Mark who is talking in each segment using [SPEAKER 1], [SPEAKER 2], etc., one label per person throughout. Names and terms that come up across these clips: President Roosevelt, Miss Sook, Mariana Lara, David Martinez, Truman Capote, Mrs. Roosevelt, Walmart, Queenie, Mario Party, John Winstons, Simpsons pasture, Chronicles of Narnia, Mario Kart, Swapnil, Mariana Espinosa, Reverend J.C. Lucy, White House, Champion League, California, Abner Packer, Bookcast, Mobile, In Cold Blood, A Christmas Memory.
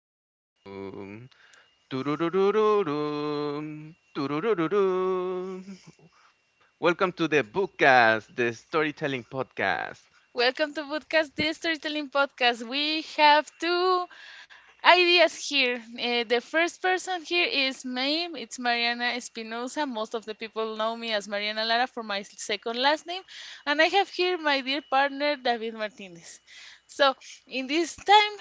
[SPEAKER 1] doo-doo-doo-doo-doom, doo-doo-doo-doo-doom, doo-doo-doo-doo-doom. Welcome to the Bookcast, the storytelling podcast.
[SPEAKER 2] Welcome to Podcast, the storytelling podcast. We have two ideas here. The first person here is me. It's Mariana Espinosa. Most of the people know me as Mariana Lara for my second last name. And I have here my dear partner, David Martinez. So, in this time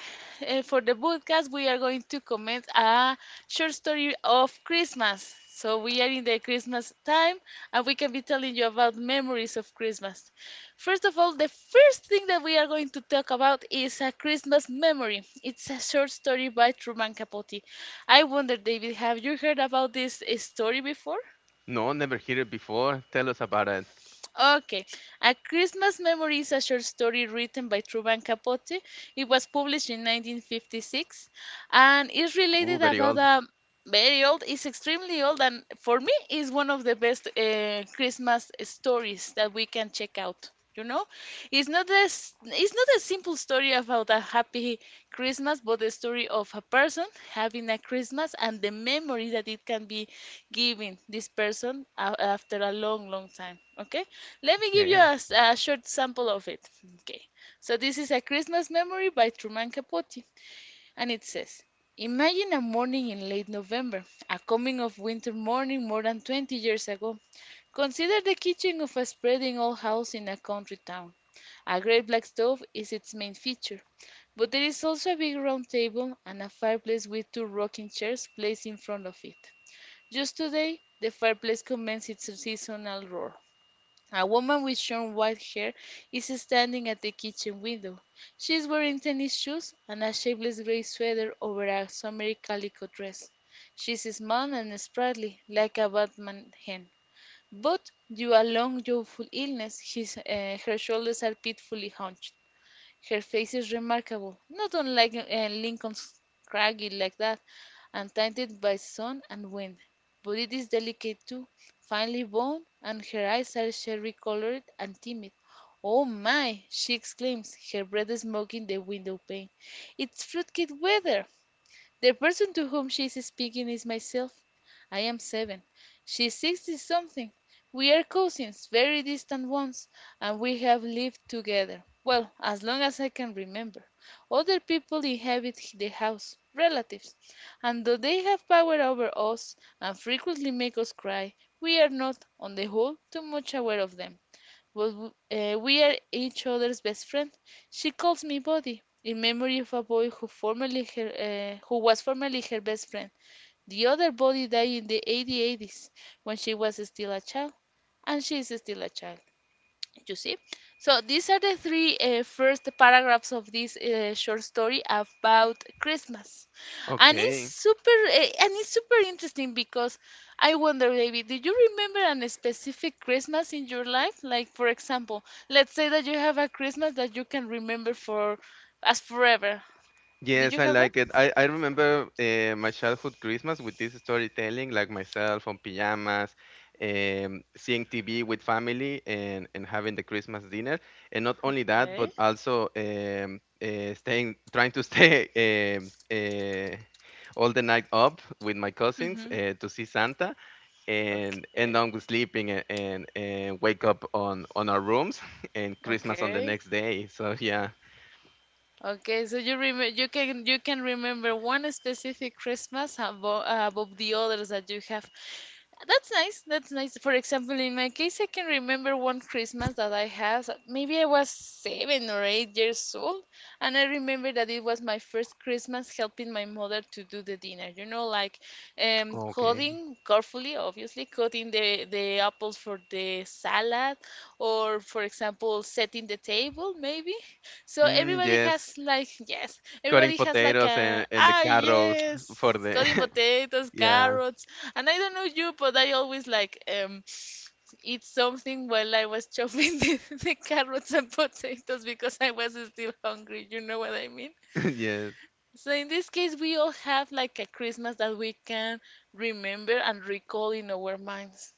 [SPEAKER 2] for the podcast, we are going to comment a short story of Christmas. So, we are in the Christmas time and we can be telling you about memories of Christmas. First of all, the first thing that we are going to talk about is A Christmas Memory. It's a short story by Truman Capote. I wonder, David, have you heard about this story before?
[SPEAKER 1] No, never heard it before. Tell us about it.
[SPEAKER 2] Okay. A Christmas Memory is a short story written by Truman Capote. It was published in 1956 and is
[SPEAKER 1] Ooh,
[SPEAKER 2] related
[SPEAKER 1] very
[SPEAKER 2] about
[SPEAKER 1] old.
[SPEAKER 2] a very old, it's extremely old, and for me is one of the best Christmas stories that we can check out. You know, it's not this, it's not a simple story about a happy Christmas, but the story of a person having a Christmas and the memory that it can be giving this person after a long, long time. Okay, let me give you
[SPEAKER 1] Okay,
[SPEAKER 2] a short sample of it. Okay, so this is a Christmas memory by Truman Capote, and it says. Imagine a morning in late November, a coming of winter morning more than 20 years ago. Consider the kitchen of a spreading old house in a country town. A great black stove is its main feature, but there is also a big round table and a fireplace with two rocking chairs placed in front of it. Just today, the fireplace commenced its seasonal roar. A woman with short white hair is standing at the kitchen window. She is wearing tennis shoes and a shapeless gray sweater over a summery calico dress. She is small and sprightly, like a Batman hen. But due a long, youthful illness, her shoulders are pitifully hunched. Her face is remarkable, not unlike Lincoln's, craggy like that, and tinted by sun and wind. But it is delicate too, finely boned, and her eyes are cherry colored and timid. "Oh my!" she exclaims, her breath smoking the window pane. "It's fruitcake weather!" The person to whom she is speaking is myself. I am seven. She is sixty something. We are cousins, very distant ones, and we have lived together well, as long as I can remember. Other people inhabit the house, relatives, and though they have power over us and frequently make us cry, we are not, on the whole, too much aware of them. Well, we are each other's best friend. She calls me Buddy in memory of a boy who was formerly her best friend. The other Buddy died in the '80s when she was still a child, and she is still a child, you see. So these are the three first paragraphs of this short story about Christmas. And it's
[SPEAKER 1] okay.
[SPEAKER 2] super uh, and it's super interesting because I wonder, David, do you remember an specific Christmas in your life, like for example, let's say that you have a Christmas that you can remember for as forever. Do
[SPEAKER 1] Yes,
[SPEAKER 2] you
[SPEAKER 1] I
[SPEAKER 2] have one?
[SPEAKER 1] like it. I remember my childhood Christmas with this storytelling, like myself on pajamas, seeing TV with family and, having the Christmas dinner. And not only that,
[SPEAKER 2] Okay.
[SPEAKER 1] but also staying, trying to stay um, uh, all the night up with my cousins
[SPEAKER 2] Mm-hmm.
[SPEAKER 1] to see Santa, and end
[SPEAKER 2] Okay.
[SPEAKER 1] up sleeping, and wake up on, our rooms and Christmas on the
[SPEAKER 2] Okay.
[SPEAKER 1] next day. So yeah.
[SPEAKER 2] Okay, so you remember, you can remember one specific Christmas above the others that you have. That's nice. That's nice. For example, in my case, I can remember one Christmas that I had. Maybe I was 7 or 8 years old, and I remember that it was my first Christmas helping my mother to do the dinner. You know, like
[SPEAKER 1] Okay.
[SPEAKER 2] cutting carefully, obviously, cutting the apples for the salad, or for example, setting the table, maybe. So
[SPEAKER 1] Mm,
[SPEAKER 2] everybody
[SPEAKER 1] yes.
[SPEAKER 2] has like, yes,
[SPEAKER 1] Cutting
[SPEAKER 2] everybody has like
[SPEAKER 1] potatoes
[SPEAKER 2] a,
[SPEAKER 1] and, the
[SPEAKER 2] ah,
[SPEAKER 1] carrots
[SPEAKER 2] yes.
[SPEAKER 1] for the
[SPEAKER 2] Cutting potatoes,
[SPEAKER 1] yeah.
[SPEAKER 2] carrots, and I don't know you, but I always like eat something while I was chopping the, the carrots and potatoes because I was still hungry. You know what I mean?
[SPEAKER 1] Yes.
[SPEAKER 2] So in this case, we all have like a Christmas that we can remember and recall in our minds.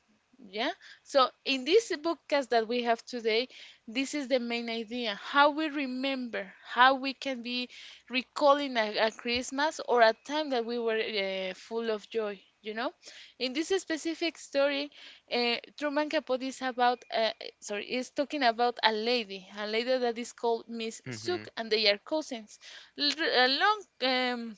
[SPEAKER 2] Yeah. So in this bookcast that we have today, this is the main idea: how we remember, how we can be recalling a Christmas or a time that we were full of joy. You know, in this specific story, Truman Capote is talking about a lady that is called Miss
[SPEAKER 1] Hmm.
[SPEAKER 2] Sook, and they are cousins. Long,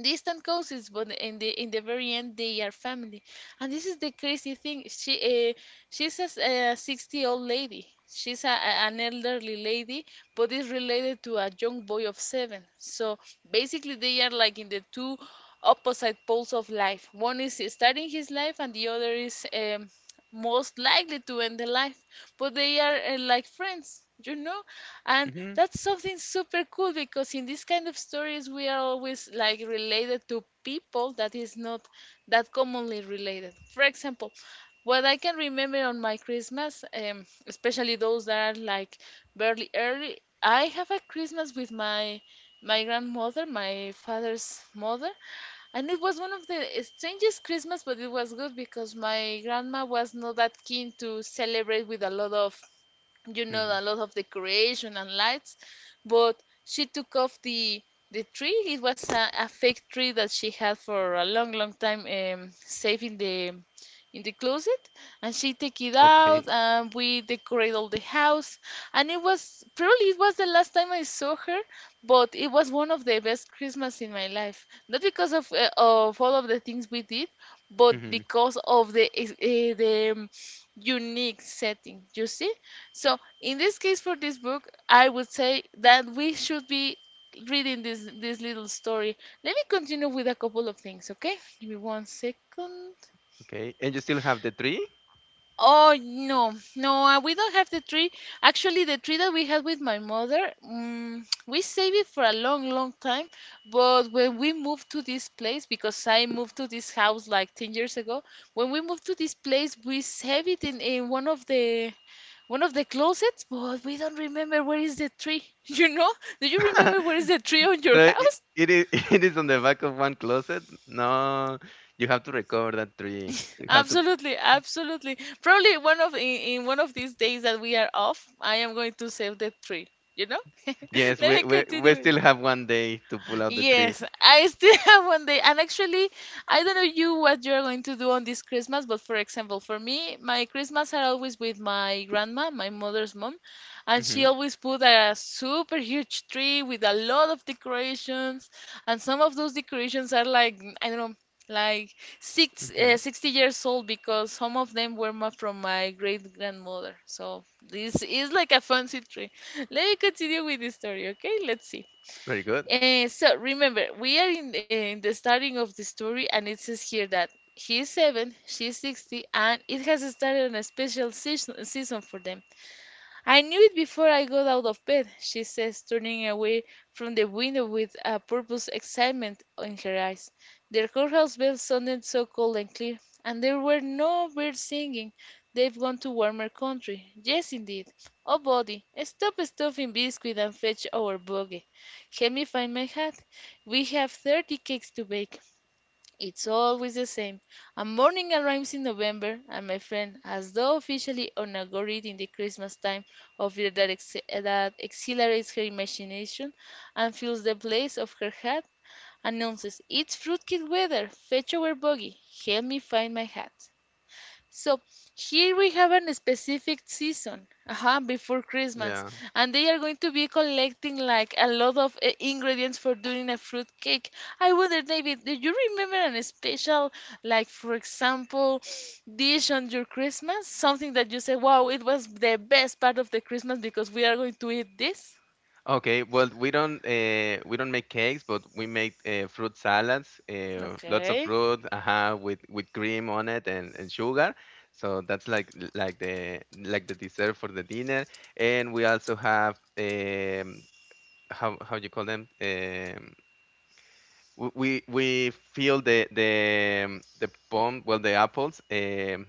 [SPEAKER 2] distant cousins, but in the very end, they are family. And this is the crazy thing. She's a 60 old lady. She's an elderly lady, but is related to a young boy of seven. So basically, they are like in the two opposite poles of life. One is starting his life, and the other is most likely to end the life. But they are like friends, you know? And
[SPEAKER 1] Hmm.
[SPEAKER 2] that's something super cool because in these kind of stories, we are always like related to people that is not that commonly related. For example, what I can remember on my Christmas, especially those that are like barely early, I have a Christmas with my grandmother, my father's mother, and it was one of the strangest Christmas, but it was good because my grandma was not that keen to celebrate with a lot of you know a
[SPEAKER 1] Hmm.
[SPEAKER 2] lot of decoration and lights. But she took off the tree. It was a fake tree that she had for a long, long time, saved the in the closet, and she take it
[SPEAKER 1] Okay.
[SPEAKER 2] out and we decorate all the house. And it was probably, it was the last time I saw her, but it was one of the best Christmas in my life, not because of of all of the things we did, but
[SPEAKER 1] Hmm.
[SPEAKER 2] because of the unique setting, you see. So in this case, for this book, I would say that we should be reading this little story. Let me continue with a couple of things. Okay, give me one second.
[SPEAKER 1] Okay, and you still have the tree?
[SPEAKER 2] Oh no, no, we don't have the tree. Actually, the tree that we had with my mother, we saved it for a long, long time. But when we moved to this place, because I moved to this house like 10 years ago, when we moved to this place, we saved it in one of the closets. But we don't remember where is the tree. You know? Do you remember where is the tree on
[SPEAKER 1] So
[SPEAKER 2] your
[SPEAKER 1] it,
[SPEAKER 2] house?
[SPEAKER 1] it is it is on the back of one closet. No, you have to recover that tree. You have to—
[SPEAKER 2] Absolutely, absolutely. Probably in one of these days that we are off, I am going to save the tree. You know?
[SPEAKER 1] Yes,
[SPEAKER 2] Let
[SPEAKER 1] we
[SPEAKER 2] me
[SPEAKER 1] we, we
[SPEAKER 2] continue.
[SPEAKER 1] still have one day to pull out the tree.
[SPEAKER 2] Yes, I still have one day. And actually, I don't know you what you're going to do on this Christmas, but for example, for me, my Christmas are always with my grandma, my mother's mom, and she
[SPEAKER 1] Hmm.
[SPEAKER 2] always put a super huge tree with a lot of decorations, and some of those decorations are like, I don't know, like
[SPEAKER 1] Hmm.
[SPEAKER 2] 60 years old because some of them were from my great grandmother. So this is like a fancy tree. Let me continue with the story, okay? Let's see.
[SPEAKER 1] Very good.
[SPEAKER 2] So remember, we are in the starting of the story, and it says here that he is seven, she is 60, and it has started a special season for them. "I knew it before I got out of bed," she says, turning away from the window with a purpose, excitement in her eyes. "The courthouse bell sounded so cold and clear, and there were no birds singing. They've gone to warmer country. Yes, indeed. Oh, Buddy, stop stuffing biscuit and fetch our buggy. Help me find my hat. We have 30 cakes to bake." It's always the same. A morning arrives in November, and my friend, as though officially inaugurating the Christmas time of year that exhilarates her imagination and fills the place of her hat, announces, "It's fruitcake weather! Fetch our buggy! Help me find my hat!" So here we have a specific season, before Christmas,
[SPEAKER 1] Yeah.
[SPEAKER 2] and they are going to be collecting like a lot of ingredients for doing a fruit cake. I wonder, David, do you remember a special, like for example, dish on your Christmas? Something that you say, "Wow, it was the best part of the Christmas because we are going to eat this."
[SPEAKER 1] Okay, well, we don't make cakes, but we make fruit salads, lots of
[SPEAKER 2] Okay,
[SPEAKER 1] fruit, with cream on it, and, sugar. So that's like the dessert for the dinner. And we also have, how you call them? We fill the pom, well, the apples.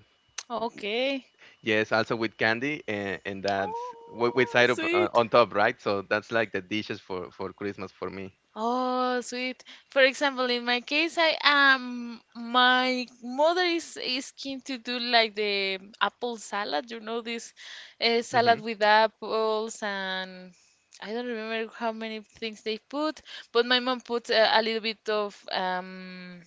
[SPEAKER 2] okay.
[SPEAKER 1] Yes, also with candy, and, that's with,
[SPEAKER 2] Oh,
[SPEAKER 1] syrup,
[SPEAKER 2] sweet.
[SPEAKER 1] on top, right? So that's like the dishes for Christmas for me.
[SPEAKER 2] Oh, sweet. For example, in my case, I my mother is keen to do like the apple salad. You know this
[SPEAKER 1] Mhm.
[SPEAKER 2] salad with apples and I don't remember how many things they put, but my mom put a little bit of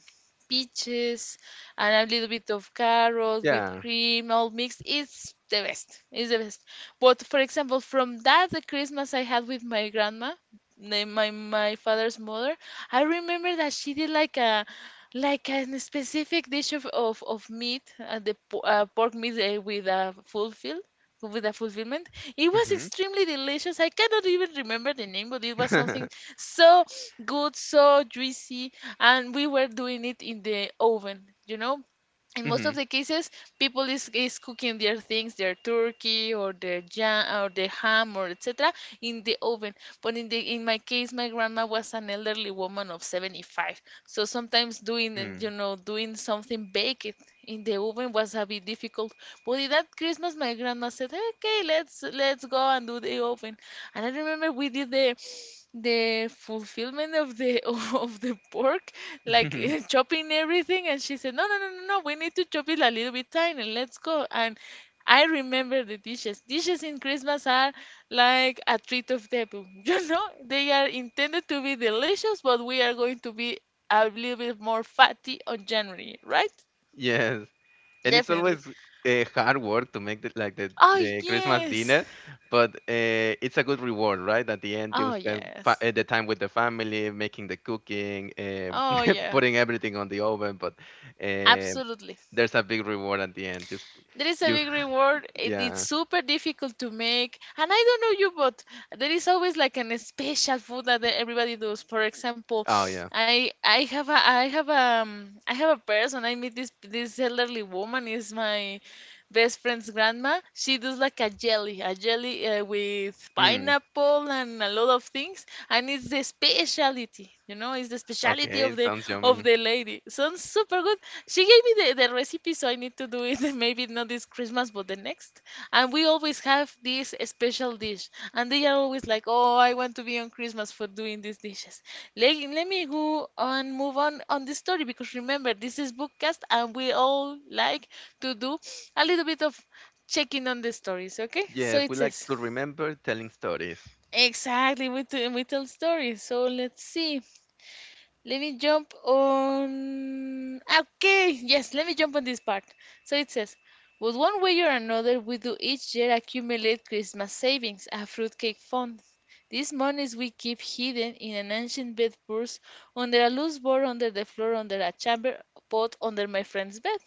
[SPEAKER 2] peaches and a little bit of carrots with
[SPEAKER 1] Yeah.
[SPEAKER 2] cream all mixed. It's the best. It's the best. But for example, from that the Christmas I had with my grandma my father's mother, I remember that she did like a specific dish of meat, the po pork meat with a fulfilled with a fulfillment. It was
[SPEAKER 1] Mhm.
[SPEAKER 2] extremely delicious. I cannot even remember the name, but it was something
[SPEAKER 1] Mhm.
[SPEAKER 2] so good, so juicy, and we were doing it in the oven, you know, in most of the cases people is cooking their things, their turkey or their jam or the ham or etc in the oven. But in my case my grandma was an elderly woman of 75, so sometimes doing, and
[SPEAKER 1] Mm.
[SPEAKER 2] you know, doing something baked in the oven was a bit difficult. But in that Christmas my grandma said, okay, let's go and do the oven. And I remember we did the fulfillment of the of the pork, like chopping everything, and she said, no, no, no, no, no, we need to chop it a little bit tiny. Let's go. And I remember the dishes in Christmas are like a treat of devil, you know, they are intended to be delicious, but we are going to be a little bit more fatty on January, right?
[SPEAKER 1] Yes. And it's
[SPEAKER 2] Definitely.
[SPEAKER 1] always hard work to make like the,
[SPEAKER 2] Oh,
[SPEAKER 1] the Christmas
[SPEAKER 2] yes.
[SPEAKER 1] dinner, but it's a good reward, right? At the end, you
[SPEAKER 2] Oh,
[SPEAKER 1] spend fa
[SPEAKER 2] yes.
[SPEAKER 1] the time with the family, making the cooking,
[SPEAKER 2] Oh, yeah.
[SPEAKER 1] putting everything on the oven, but um
[SPEAKER 2] Absolutely.
[SPEAKER 1] there's a big reward at the end. Just
[SPEAKER 2] There is a
[SPEAKER 1] you,
[SPEAKER 2] big reward. It's
[SPEAKER 1] yeah.
[SPEAKER 2] super difficult to make, and I don't know you, but there is always like an special food that everybody does. For example,
[SPEAKER 1] Oh, yeah.
[SPEAKER 2] I have a person. I meet this elderly woman. Is my best friend's grandma. She does like a jelly with
[SPEAKER 1] Mm.
[SPEAKER 2] pineapple and a lot of things, and it's the speciality. You know, it's the speciality
[SPEAKER 1] Okay, sounds
[SPEAKER 2] of
[SPEAKER 1] yummy.
[SPEAKER 2] the lady. Sounds super good. She gave me the recipe, so I need to do it maybe not this Christmas, but the next. And we always have this special dish, and they are always like, "Oh, I want to be on Christmas for doing these dishes." Let me go and move on the story, because remember this is bookcast, and we all like to do a little bit of checking on the stories. Okay, so
[SPEAKER 1] Yes,
[SPEAKER 2] it
[SPEAKER 1] we like
[SPEAKER 2] says
[SPEAKER 1] to remember telling stories.
[SPEAKER 2] exactly. We tell stories. So let's see. Let me jump on. Okay, yes, let me jump on this part. So it says, but one way or another, we do each year accumulate Christmas savings, a fruitcake fund. These monies we keep hidden in an ancient bed purse, under a loose board, under the floor, under a chamber pot, under my friend's bed.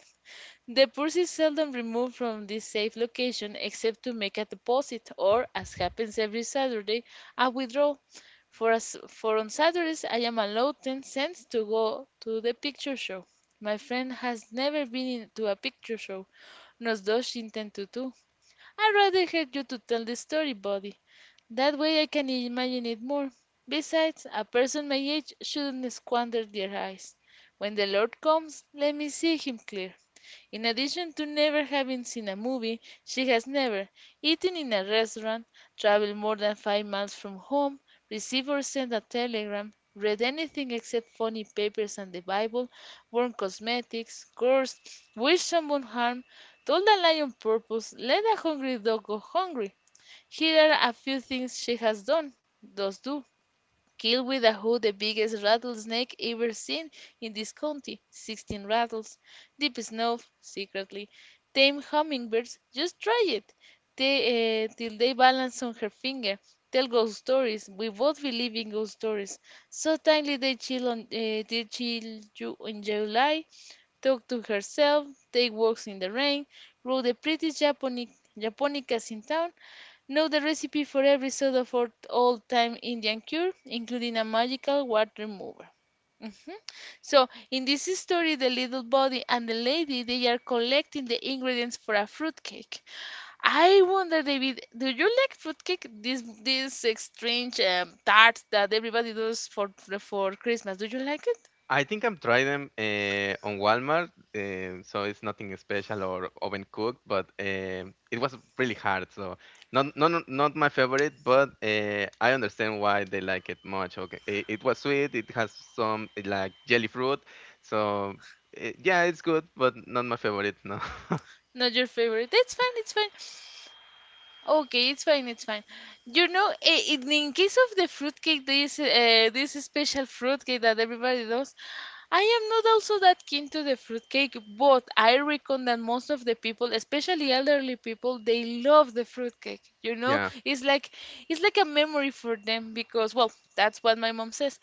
[SPEAKER 2] The purse is seldom removed from this safe location except to make a deposit or, as happens every Saturday, a withdrawal. For us, for on Saturdays, I am allowed 10¢ to go to the picture show. My friend has never been to a picture show, nor does she intend to do. I'd rather have you to tell the story, Buddy. That way I can imagine it more. Besides, a person my age shouldn't squander their eyes. When the Lord comes, let me see him clear. In addition to never having seen a movie, she has never eaten in a restaurant, traveled more than 5 miles from home, received or sent a telegram, read anything except funny papers and the Bible, worn cosmetics, cursed, wished someone harm, told the lion purpose, let a hungry dog go hungry. Here are a few things she has done, does do. Kill with a hoe the biggest rattlesnake ever seen in this county, 16 rattles. Deep snow secretly. Tame hummingbirds, just try it. They, till they balance on her finger. Tell ghost stories. We both believe in ghost stories. So timely they they chill you in July. Talked to herself, take walks in the rain, rode the prettiest Japonicas in town, know the recipe for every sort of old-time Indian cure, including a magical water remover. Mhm. So, in this story, the little body and the lady, they are collecting the ingredients for a fruitcake. I wonder, David, do you like fruitcake? These strange tarts that everybody does for Christmas. Do you like it?
[SPEAKER 1] I think I'm trying them, on Walmart, so it's nothing special or oven cooked, but it was really hard. So not my favorite, but I understand why they like it much. Okay, it was sweet. It has some, like jelly fruit, so, yeah, it's good, but not my favorite. No.
[SPEAKER 2] Not your favorite. That's fine. It's fine. Okay, it's fine, it's fine. You know, in case of the fruitcake, this this special fruitcake that everybody does, I am not also that keen to the fruitcake, but I reckon that most of the people, especially elderly people, they love the fruitcake. You know,
[SPEAKER 1] Yeah.
[SPEAKER 2] it's like a memory for them because, well, that's what my mom says.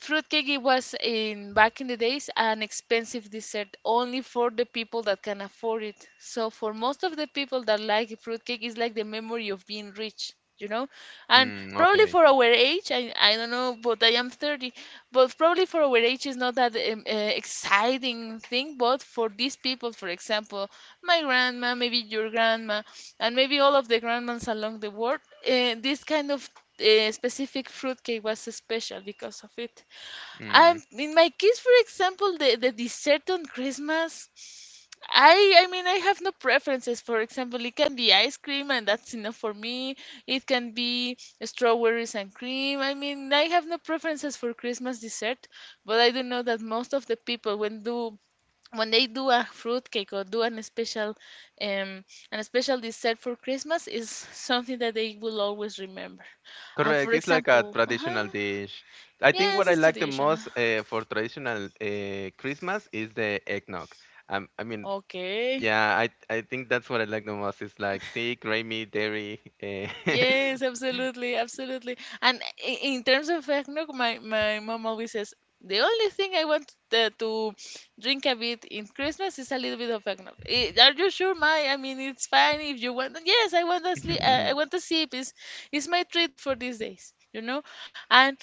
[SPEAKER 2] Fruitcake, it was in back in the days an expensive dessert only for the people that can afford it. So for most of the people that like fruitcake, it's like the memory of being rich, you know? And
[SPEAKER 1] Mm,
[SPEAKER 2] probably
[SPEAKER 1] okay.
[SPEAKER 2] for our age I don't know, but I am 30. But probably for our age is not that exciting thing, but for these people, for example, my grandma, maybe your grandma, and maybe all of the grandmas along the world, this kind of specific fruitcake was special because of it.
[SPEAKER 1] Mm.
[SPEAKER 2] In my case, for example, the dessert on Christmas, I have no preferences. For example, it can be ice cream and that's enough for me. It can be strawberries and cream. I mean I have no preferences for Christmas dessert, but I do know that most of the people when they do a fruit cake or do um an special dessert for Christmas is something that they will always remember. And
[SPEAKER 1] Correct.
[SPEAKER 2] for
[SPEAKER 1] It's like a
[SPEAKER 2] example, uh-huh,
[SPEAKER 1] traditional dish. I think
[SPEAKER 2] yes,
[SPEAKER 1] what I
[SPEAKER 2] it's
[SPEAKER 1] like the
[SPEAKER 2] traditional.
[SPEAKER 1] most, for traditional, Christmas is the eggnog. I mean,
[SPEAKER 2] Okay.
[SPEAKER 1] yeah, I think that's what I like the most. It's like thick, creamy, dairy. Eh.
[SPEAKER 2] Yes, absolutely, absolutely. And in terms of eggnog, my mom always says, the only thing I want to drink a bit in Christmas is a little bit of eggnog. Are you sure, my? I mean, it's fine if you want. Yes, I want a I want a sip. Is my treat for these days, you know? And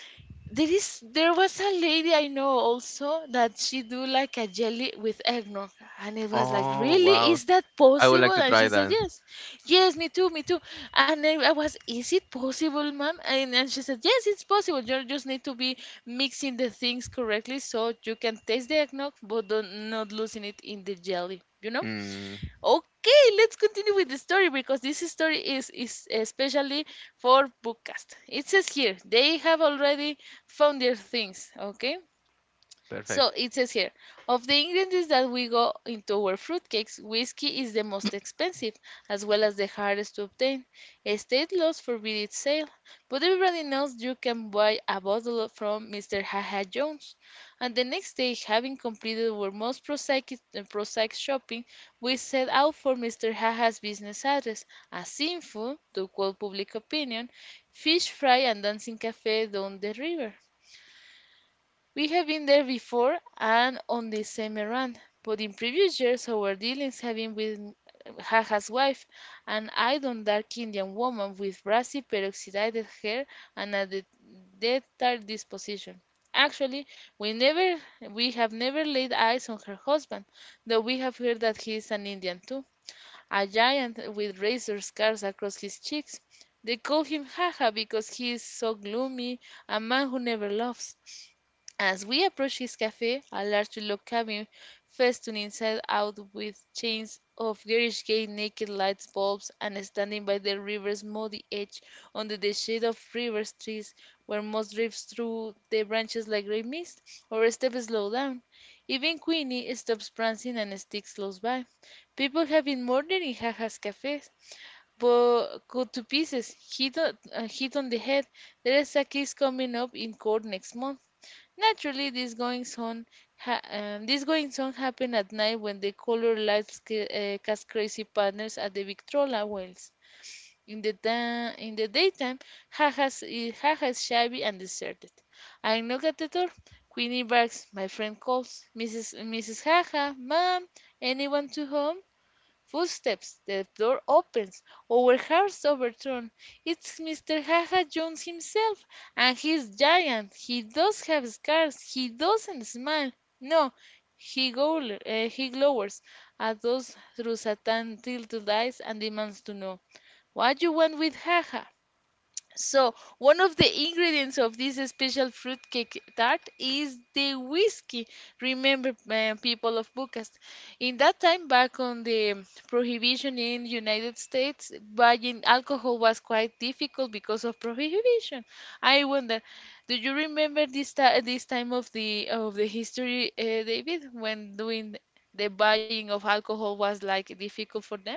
[SPEAKER 2] there was a lady I know also that she do like a jelly with eggnog, and it was like,
[SPEAKER 1] Oh,
[SPEAKER 2] really,
[SPEAKER 1] wow.
[SPEAKER 2] is that
[SPEAKER 1] I would
[SPEAKER 2] possible?
[SPEAKER 1] like to
[SPEAKER 2] And she
[SPEAKER 1] try
[SPEAKER 2] said,
[SPEAKER 1] that.
[SPEAKER 2] yes, yes, me too, me too. And then I was, is it possible, ma'am? And she said, yes, it's possible. You just need to be mixing the things correctly so you can taste the eggnog, but don't, not losing it in the jelly. You know?
[SPEAKER 1] Mm,
[SPEAKER 2] Okay, let's continue with the story because this story is especially for Bookcast. It says here they have already found their things. Okay, so
[SPEAKER 1] perfect.
[SPEAKER 2] it says here, of the ingredients that we go into our fruitcakes, whiskey is the most expensive, as well as the hardest to obtain. State laws forbid its sale, but everybody knows you can buy a bottle from Mr. Haha Jones. And the next day, having completed our most prosaic shopping, we set out for Mr. Haha's business address, a sinful, to quote public opinion, fish fry and dancing cafe down the river. We have been there before and on the same errand, but in previous years our dealings have been with Jaja's wife, an idle dark Indian woman with brassy peroxidized hair and a debtor disposition. Actually, we never we have never laid eyes on her husband, though we have heard that he is an Indian too, a giant with razor scars across his cheeks. They call him Jaja because he is so gloomy, a man who never laughs. As we approached his cafe, a large log cabin festooned inside out with chains of garish gay naked light bulbs, and standing by the river's muddy edge, under the shade of river trees, where moss drifts through the branches like grey mist, our steps slow down. Even Queenie stops prancing and sticks close by. People have been murdered in Jaja's cafes, but cut to pieces, hit on the head. There is a case coming up in court next month. Naturally, this goings on, these goings on happen at night when the color lights cast crazy patterns at the Victrola wells. In the in the daytime, Jaja's shabby and deserted. I knock at the door. Queenie barks. My friend calls. Mrs. Jaja, ma'am, anyone to home? Footsteps. The door opens. Our hearts overturn. It's Mr. Haha Jones himself, and he's giant. He does have scars. He doesn't smile. No. He, he glowers at us through satin tilted eyes and demands to know. What you want with Haha. So, one of the ingredients of this special fruitcake tart is the whiskey. Remember, people of Bucas, in that time back on the prohibition in United States, buying alcohol was quite difficult because of prohibition. I wonder, do you remember this time of the history, David, when doing the buying of alcohol was like difficult for them?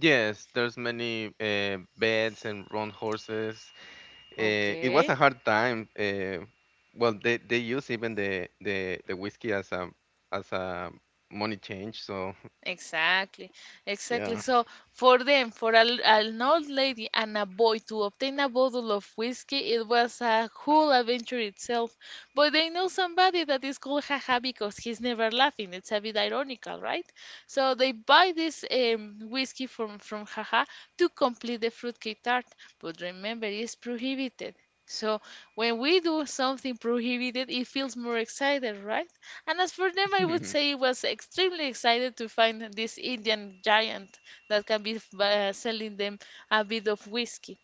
[SPEAKER 1] Yes, there's many, beds and round horses. It was a
[SPEAKER 2] Okay.
[SPEAKER 1] hard time. Well, they use even the whiskey as a money change. So—
[SPEAKER 2] Exactly, exactly.
[SPEAKER 1] yeah.
[SPEAKER 2] So for them, for an old lady and a boy to obtain a bottle of whiskey, it was a whole adventure itself. But they know somebody that is called Haha because he's never laughing. It's a bit ironical, right? So they buy this whiskey from Haha to complete the fruitcake tart. But remember, it's prohibited. So when we do something prohibited, it feels more excited, right? And as for them, I would say he was extremely excited to find this Indian giant that can be selling them a bit of whiskey.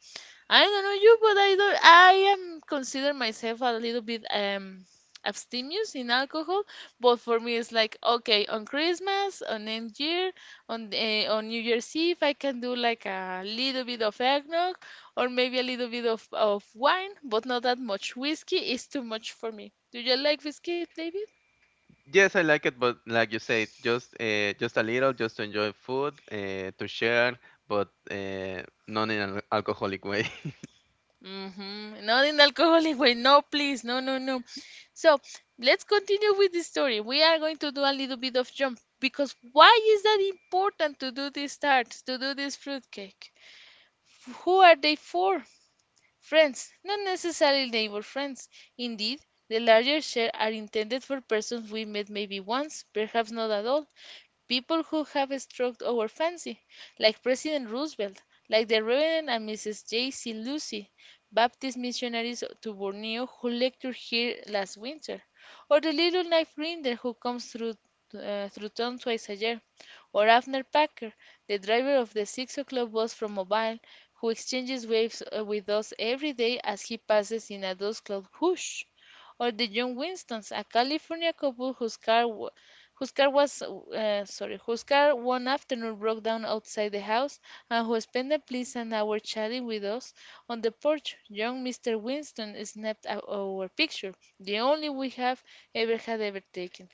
[SPEAKER 2] I don't know you, but I don't. I am consider myself a little bit abstemious in alcohol, but for me it's like okay on Christmas, on End Year, on New Year's Eve, I can do like a little bit of eggnog or maybe a little bit of wine, but not that much whiskey is too much for me. Do you like whiskey, David?
[SPEAKER 1] Yes, I like it, but like you said, just, just a little, just to enjoy food, to share, but not in an alcoholic way.
[SPEAKER 2] Mm-hmm. Not in alcoholic way. No, please. No, no, no. So let's continue with the story. We are going to do a little bit of jump because why is that important to do these tarts, to do this fruitcake? Who are they for? Friends, not necessarily neighbor friends. Indeed, the larger share are intended for persons we met maybe once, perhaps not at all, people who have struck our fancy, like President Roosevelt, like the Reverend and Mrs. J.C. Lucy, Baptist missionaries to Borneo who lectured here last winter, or the little knife grinder who comes through through town twice a year, or Abner Packer, the driver of the 6 o'clock bus from Mobile, who exchanges waves with us every day as he passes in a dust cloud whoosh, or the John Winstons, a California couple whose car was sorry, whose car one afternoon broke down outside the house, and who spent a pleasant hour chatting with us on the porch. Young Mr. Winston snapped our picture, the only we have ever had ever taken.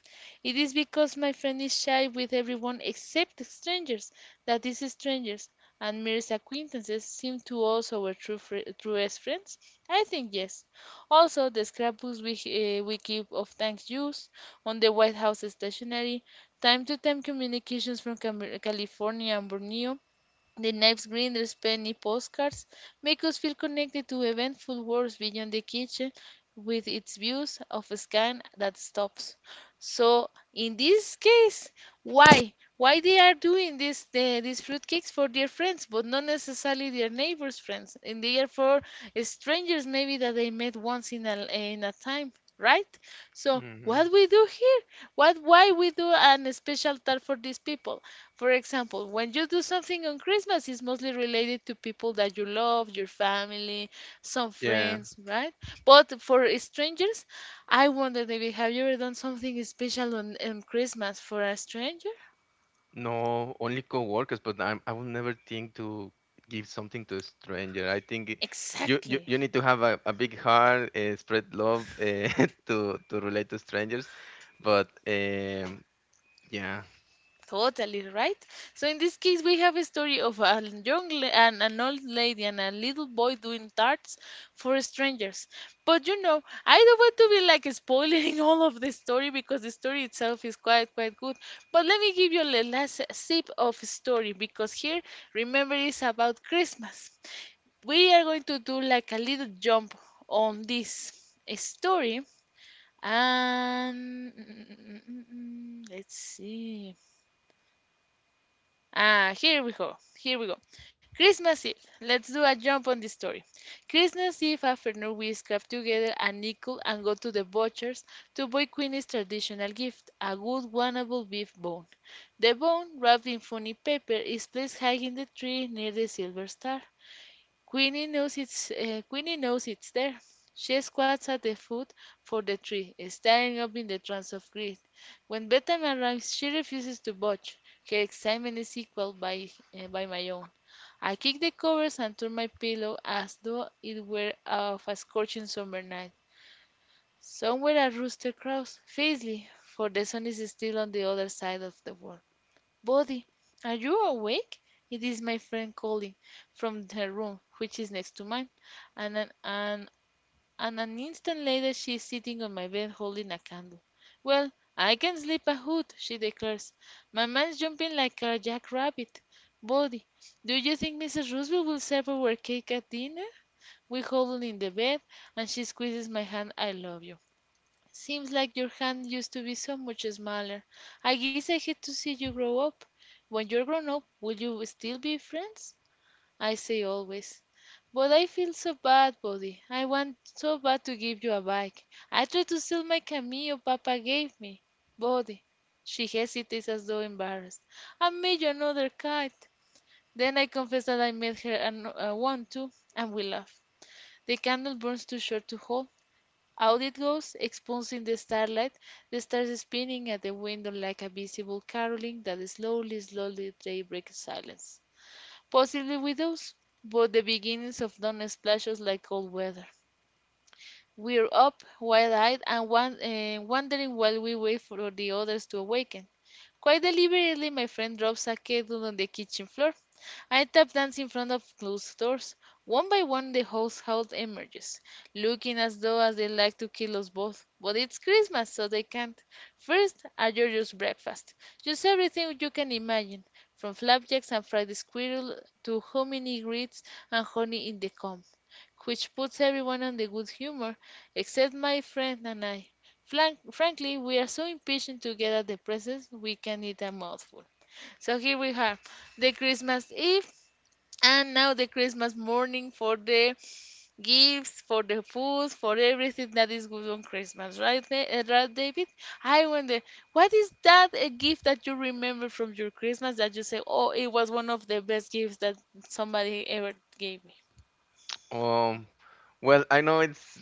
[SPEAKER 2] It is because my friend is shy with everyone except strangers that these strangers and mere acquaintances seem to us our truest friends. I think yes. Also, the scrapbooks we keep of thank yous, on the White House stationery. Time to time communications from California and Borneo, the Knife's green, there's penny postcards, make us feel connected to eventful worlds beyond the kitchen with its views of a sky that stops. So in this case, why? Why they are doing these fruitcakes for their friends, but not necessarily their neighbors' friends, and they are for strangers maybe that they met once in a time, right? So
[SPEAKER 1] Hmm.
[SPEAKER 2] what we do here? What why we do an special tart for these people? For example, when you do something on Christmas, it's mostly related to people that you love, your family, some
[SPEAKER 1] Yeah,
[SPEAKER 2] friends, right? But for strangers, I wonder, David, have you ever done something special on Christmas for a stranger?
[SPEAKER 1] no, only coworkers, but I will never think to give something to a stranger. I think
[SPEAKER 2] Exactly.
[SPEAKER 1] you need to have a big heart, spread love, to relate to strangers. But yeah.
[SPEAKER 2] Totally right. So in this case, we have a story of and an old lady and a little boy doing tarts for strangers. But you know, I don't want to be like spoiling all of the story because the story itself is quite good. But let me give you the last sip of story because here, remember, it's about Christmas. We are going to do like a little jump on this story and let's see. Ah, here we go. Here we go. Christmas Eve. Let's do a jump on this story. Christmas Eve afternoon, we scrap together a nickel and go to the butcher's to buy Queenie's traditional gift, a good wannable beef bone. The bone, wrapped in funny paper, is placed high in the tree near the silver star. Queenie knows it's there. She squats at the foot for the tree, staring up in the trance of greed. When bedtime arrives, she refuses to budge. Her excitement is equalled by my own. I kick the covers and turn my pillow as though it were of a scorching summer night. Somewhere a rooster crows, fiercely, for the sun is still on the other side of the world. "Body, are you awake?" It is my friend calling, from her room, which is next to mine, and an instant later she is sitting on my bed holding a candle. "Well, I can sleep a hoot," she declares. "My mind's jumping like a jack rabbit. Body, do you think Mrs. Roosevelt will serve our cake at dinner?" We huddle in the bed, and she squeezes my hand. "I love you." Seems like your hand used to be so much smaller. I guess I hate to see you grow up. When you're grown up, will you still be friends? I say always. But I feel so bad, Buddy. I want so bad to give you a bike. I tried to sell my cameo Papa gave me. Buddy, she hesitates as though embarrassed. I made you another kite. Then I confess that I made her one too, and we laugh. The candle burns too short to hold, out it goes, expunging the starlight. The stars spinning at the window like a visible caroling that slowly, slowly they break silence. Possibly with those, but the beginnings of dawn splashes like cold weather. We're up, wide-eyed and wondering while we wait for the others to awaken. Quite deliberately, my friend drops a kettle on the kitchen floor. I tap dance in front of closed doors. One by one, the household emerges, looking as though as they like to kill us both. But it's Christmas, so they can't. First, a George's breakfast. Just everything you can imagine, from flapjacks and fried squirrel to hominy grits and honey in the comb, which puts everyone on the good humor, except my friend and I. Frankly, we are so impatient to get at the presents, we can eat a mouthful. So here we have the Christmas Eve, and now the Christmas morning for the gifts, for the food, for everything that is good on Christmas, right, right, David? I wonder, what is that a gift that you remember from your Christmas that you say, oh, it was one of the best gifts that somebody ever gave me?
[SPEAKER 1] Um, well, I know it's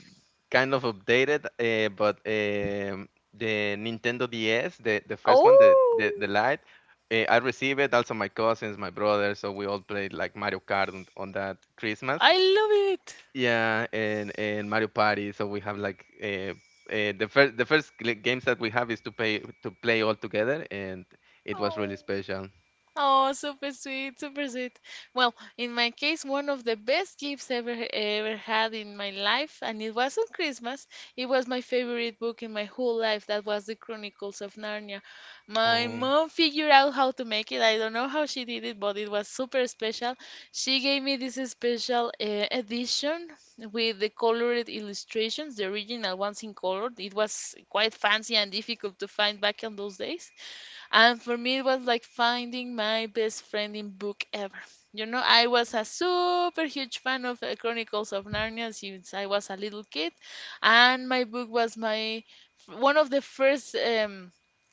[SPEAKER 1] kind of updated, but the Nintendo DS, the first one, the
[SPEAKER 2] Oh.
[SPEAKER 1] Lite, I received it. Also, my cousins, my brother, so we all played like Mario Kart on, that Christmas.
[SPEAKER 2] I love it.
[SPEAKER 1] Yeah, and Mario Party. So we have like, the first games that we have is to pay to play all together, and it was
[SPEAKER 2] Oh.
[SPEAKER 1] really special.
[SPEAKER 2] Oh, super sweet, super sweet. Well, in my case, one of the best gifts ever had in my life, and it was on Christmas. It was my favorite book in my whole life. That was the Chronicles of Narnia. My
[SPEAKER 1] Oh,
[SPEAKER 2] mom figured out how to make it. I don't know how she did it, but it was super special. She gave me this special edition with the colored illustrations, the original ones in color. It was quite fancy and difficult to find back in those days. And for me, it was like finding my best friend in book ever. You know, I was a super huge fan of Chronicles of Narnia since I was a little kid, and my book was my one of the first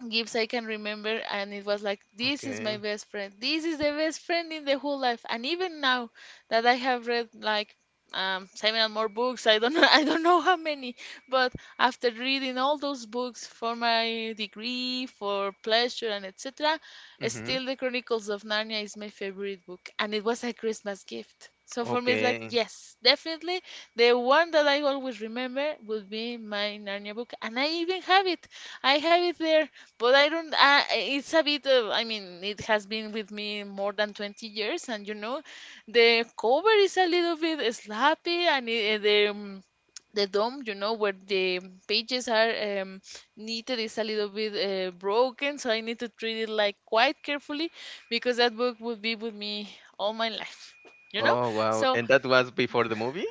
[SPEAKER 2] gifts I can remember, and it was like, this is my
[SPEAKER 1] okay.
[SPEAKER 2] best friend. This is the best friend in the whole life. And even now that I have read like seven or more books, I don't know, I don't know how many, but after reading all those books for my degree, for pleasure, and etc.,
[SPEAKER 1] Mm-hmm.
[SPEAKER 2] still The Chronicles of Narnia is my favorite book, and it was a Christmas gift. So for me, it's like,
[SPEAKER 1] Okay.
[SPEAKER 2] yes, definitely the one that I always remember would be my Narnia book, and I even have it. I have it there, but I don't. It's a bit of. I mean, it has been with me more than 20 years, and you know, the cover is a little bit sloppy, and it, the dome, you know, where the pages are knitted is a little bit broken, so I need to treat it like quite carefully because that book would be with me all my life, you know.
[SPEAKER 1] Oh, wow.
[SPEAKER 2] So
[SPEAKER 1] And that was before the movie?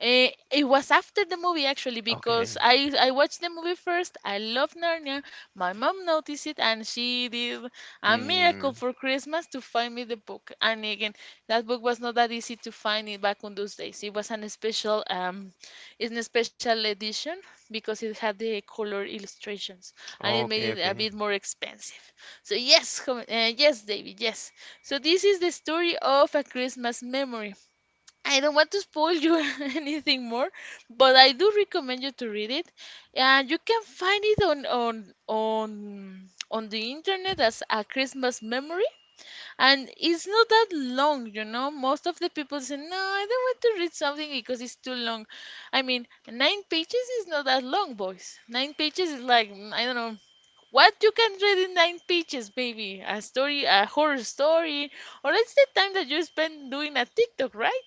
[SPEAKER 2] eh, it was after the movie actually because
[SPEAKER 1] Okay.
[SPEAKER 2] I watched the movie first. I loved Narnia. My mom noticed it and she did a miracle
[SPEAKER 1] Mm.
[SPEAKER 2] for Christmas to find me the book. And again, that book was not that easy to find it back on those days. It was an special it's a special edition because it had the color illustrations and it
[SPEAKER 1] Okay,
[SPEAKER 2] made it a
[SPEAKER 1] okay.
[SPEAKER 2] bit more expensive. So yes, yes, David, yes. So this is the story of a Christmas memory. I don't want to spoil you anything more, but I do recommend you to read it. And you can find it on the internet as a Christmas memory. And it's not that long, you know. Most of the people say, "No, I don't want to read something because it's too long." I mean, nine pages is not that long, boys. Nine pages is like I don't know what you can read in nine pages, baby. A story, a horror story, or it's the time that you spend doing a TikTok, right?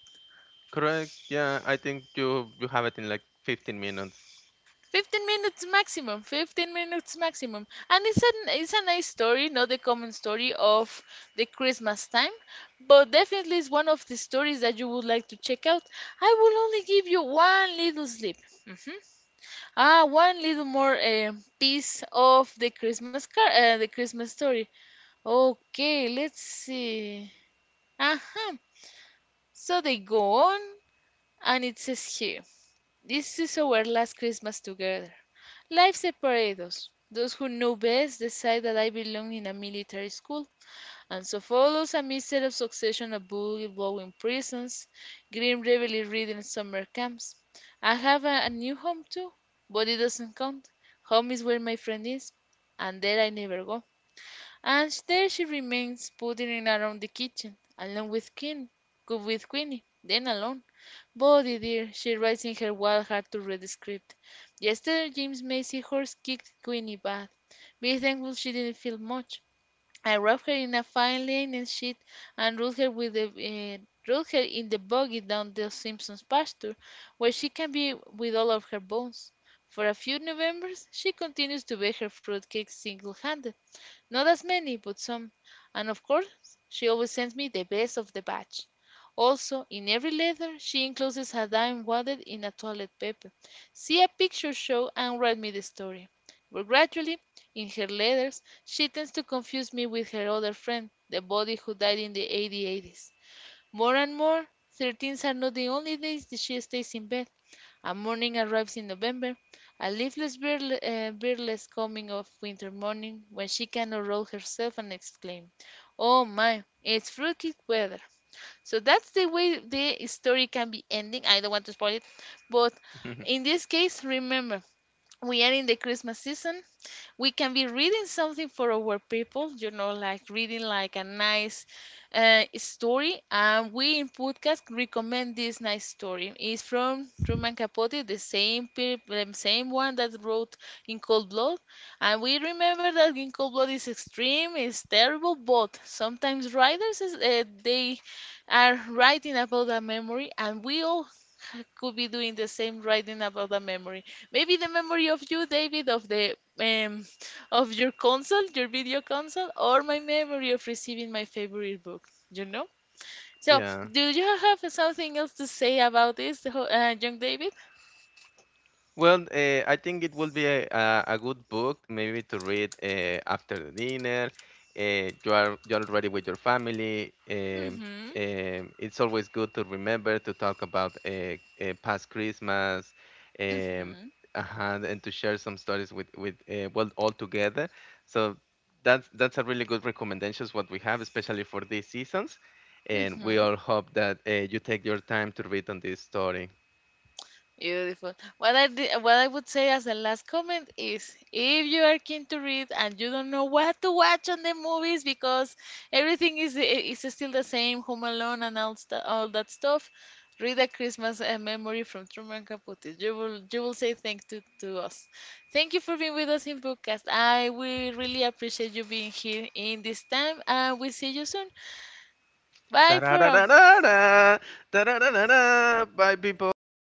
[SPEAKER 1] Correct. Yeah. Yeah. I think you have it in like 15 minutes.
[SPEAKER 2] 15 minutes maximum, 15 minutes maximum, and it's a nice story, not the common story of the christmas time, but definitely it's one of the stories that you would like to check out. I will only give you one little slip, ah, one little more piece of the christmas car the christmas story. Okay, let's see. Uh-huh. So they go on and it says here, "This is our last Christmas together. Life separates us. Those who know best decide that I belong in a military school, and so follows a miserable succession of bullet-blowing prisons, grim reveille ridden summer camps. I have a new home too, but it doesn't count. Home is where my friend is, and there I never go. And there she remains, putting in around the kitchen, along with Queen, good with Queenie, then alone. Body dear," she writes in her wild heart to read the script. "Yesterday James Macy's horse kicked Queenie bad. Be thankful she didn't feel much. I wrapped her in a fine linen sheet and rode her in the buggy down the Simpsons pasture, where she can be with all of her bones." For a few Novembers she continues to bake her fruitcakes single handed, not as many, but some. And of course, she always sends me the best of the batch. Also, in every letter she encloses a dime wadded in a toilet paper. "See a picture show and write me the story." But gradually, in her letters, she tends to confuse me with her other friend, the body who died in the 8080s. More and more, 13s are not the only days that she stays in bed. A morning arrives in November, a birdless coming of winter morning, when she cannot roll herself and exclaim, "Oh my, it's fruitcake weather!" So that's the way the story can be ending. I don't want to spoil it, but in this case, remember we are in the Christmas season, we can be reading something for our people, you know, like reading like a nice story. And we in podcast recommend this nice story. It's from Truman Capote, the same same one that wrote In Cold Blood. And we remember that In Cold Blood is extreme, it's terrible, but sometimes writers is, they are writing about a memory, and we all could be doing the same, writing about the memory. Maybe the memory of you, David, of the of your console, your video console, or my memory of receiving my favorite book. You know. So,
[SPEAKER 1] Yeah.
[SPEAKER 2] do you have something else to say about this, the young David?
[SPEAKER 1] Well, I think it would be a good book maybe to read, after the dinner. You're already with your family.
[SPEAKER 2] Mm-hmm.
[SPEAKER 1] It's always good to remember to talk about, past Christmas, um,
[SPEAKER 2] Mm-hmm.
[SPEAKER 1] and to share some stories with well, all together. So that's a really good recommendations what we have, especially for these seasons. And we
[SPEAKER 2] Mm-hmm.
[SPEAKER 1] all hope that you take your time to read on this story.
[SPEAKER 2] Beautiful. What I did, what I would say as the last comment is, if you are keen to read and you don't know what to watch on the movies because everything is still the same, Home Alone and all, all that stuff, read A Christmas Memory from Truman Capote. You will say thank to us. Thank you for being with us in Bookcast. I we really appreciate you being here in this time, and we see you soon.
[SPEAKER 1] Da
[SPEAKER 2] Bye
[SPEAKER 1] da
[SPEAKER 2] for
[SPEAKER 1] da
[SPEAKER 2] now.
[SPEAKER 1] da da, da da da da da, bye people.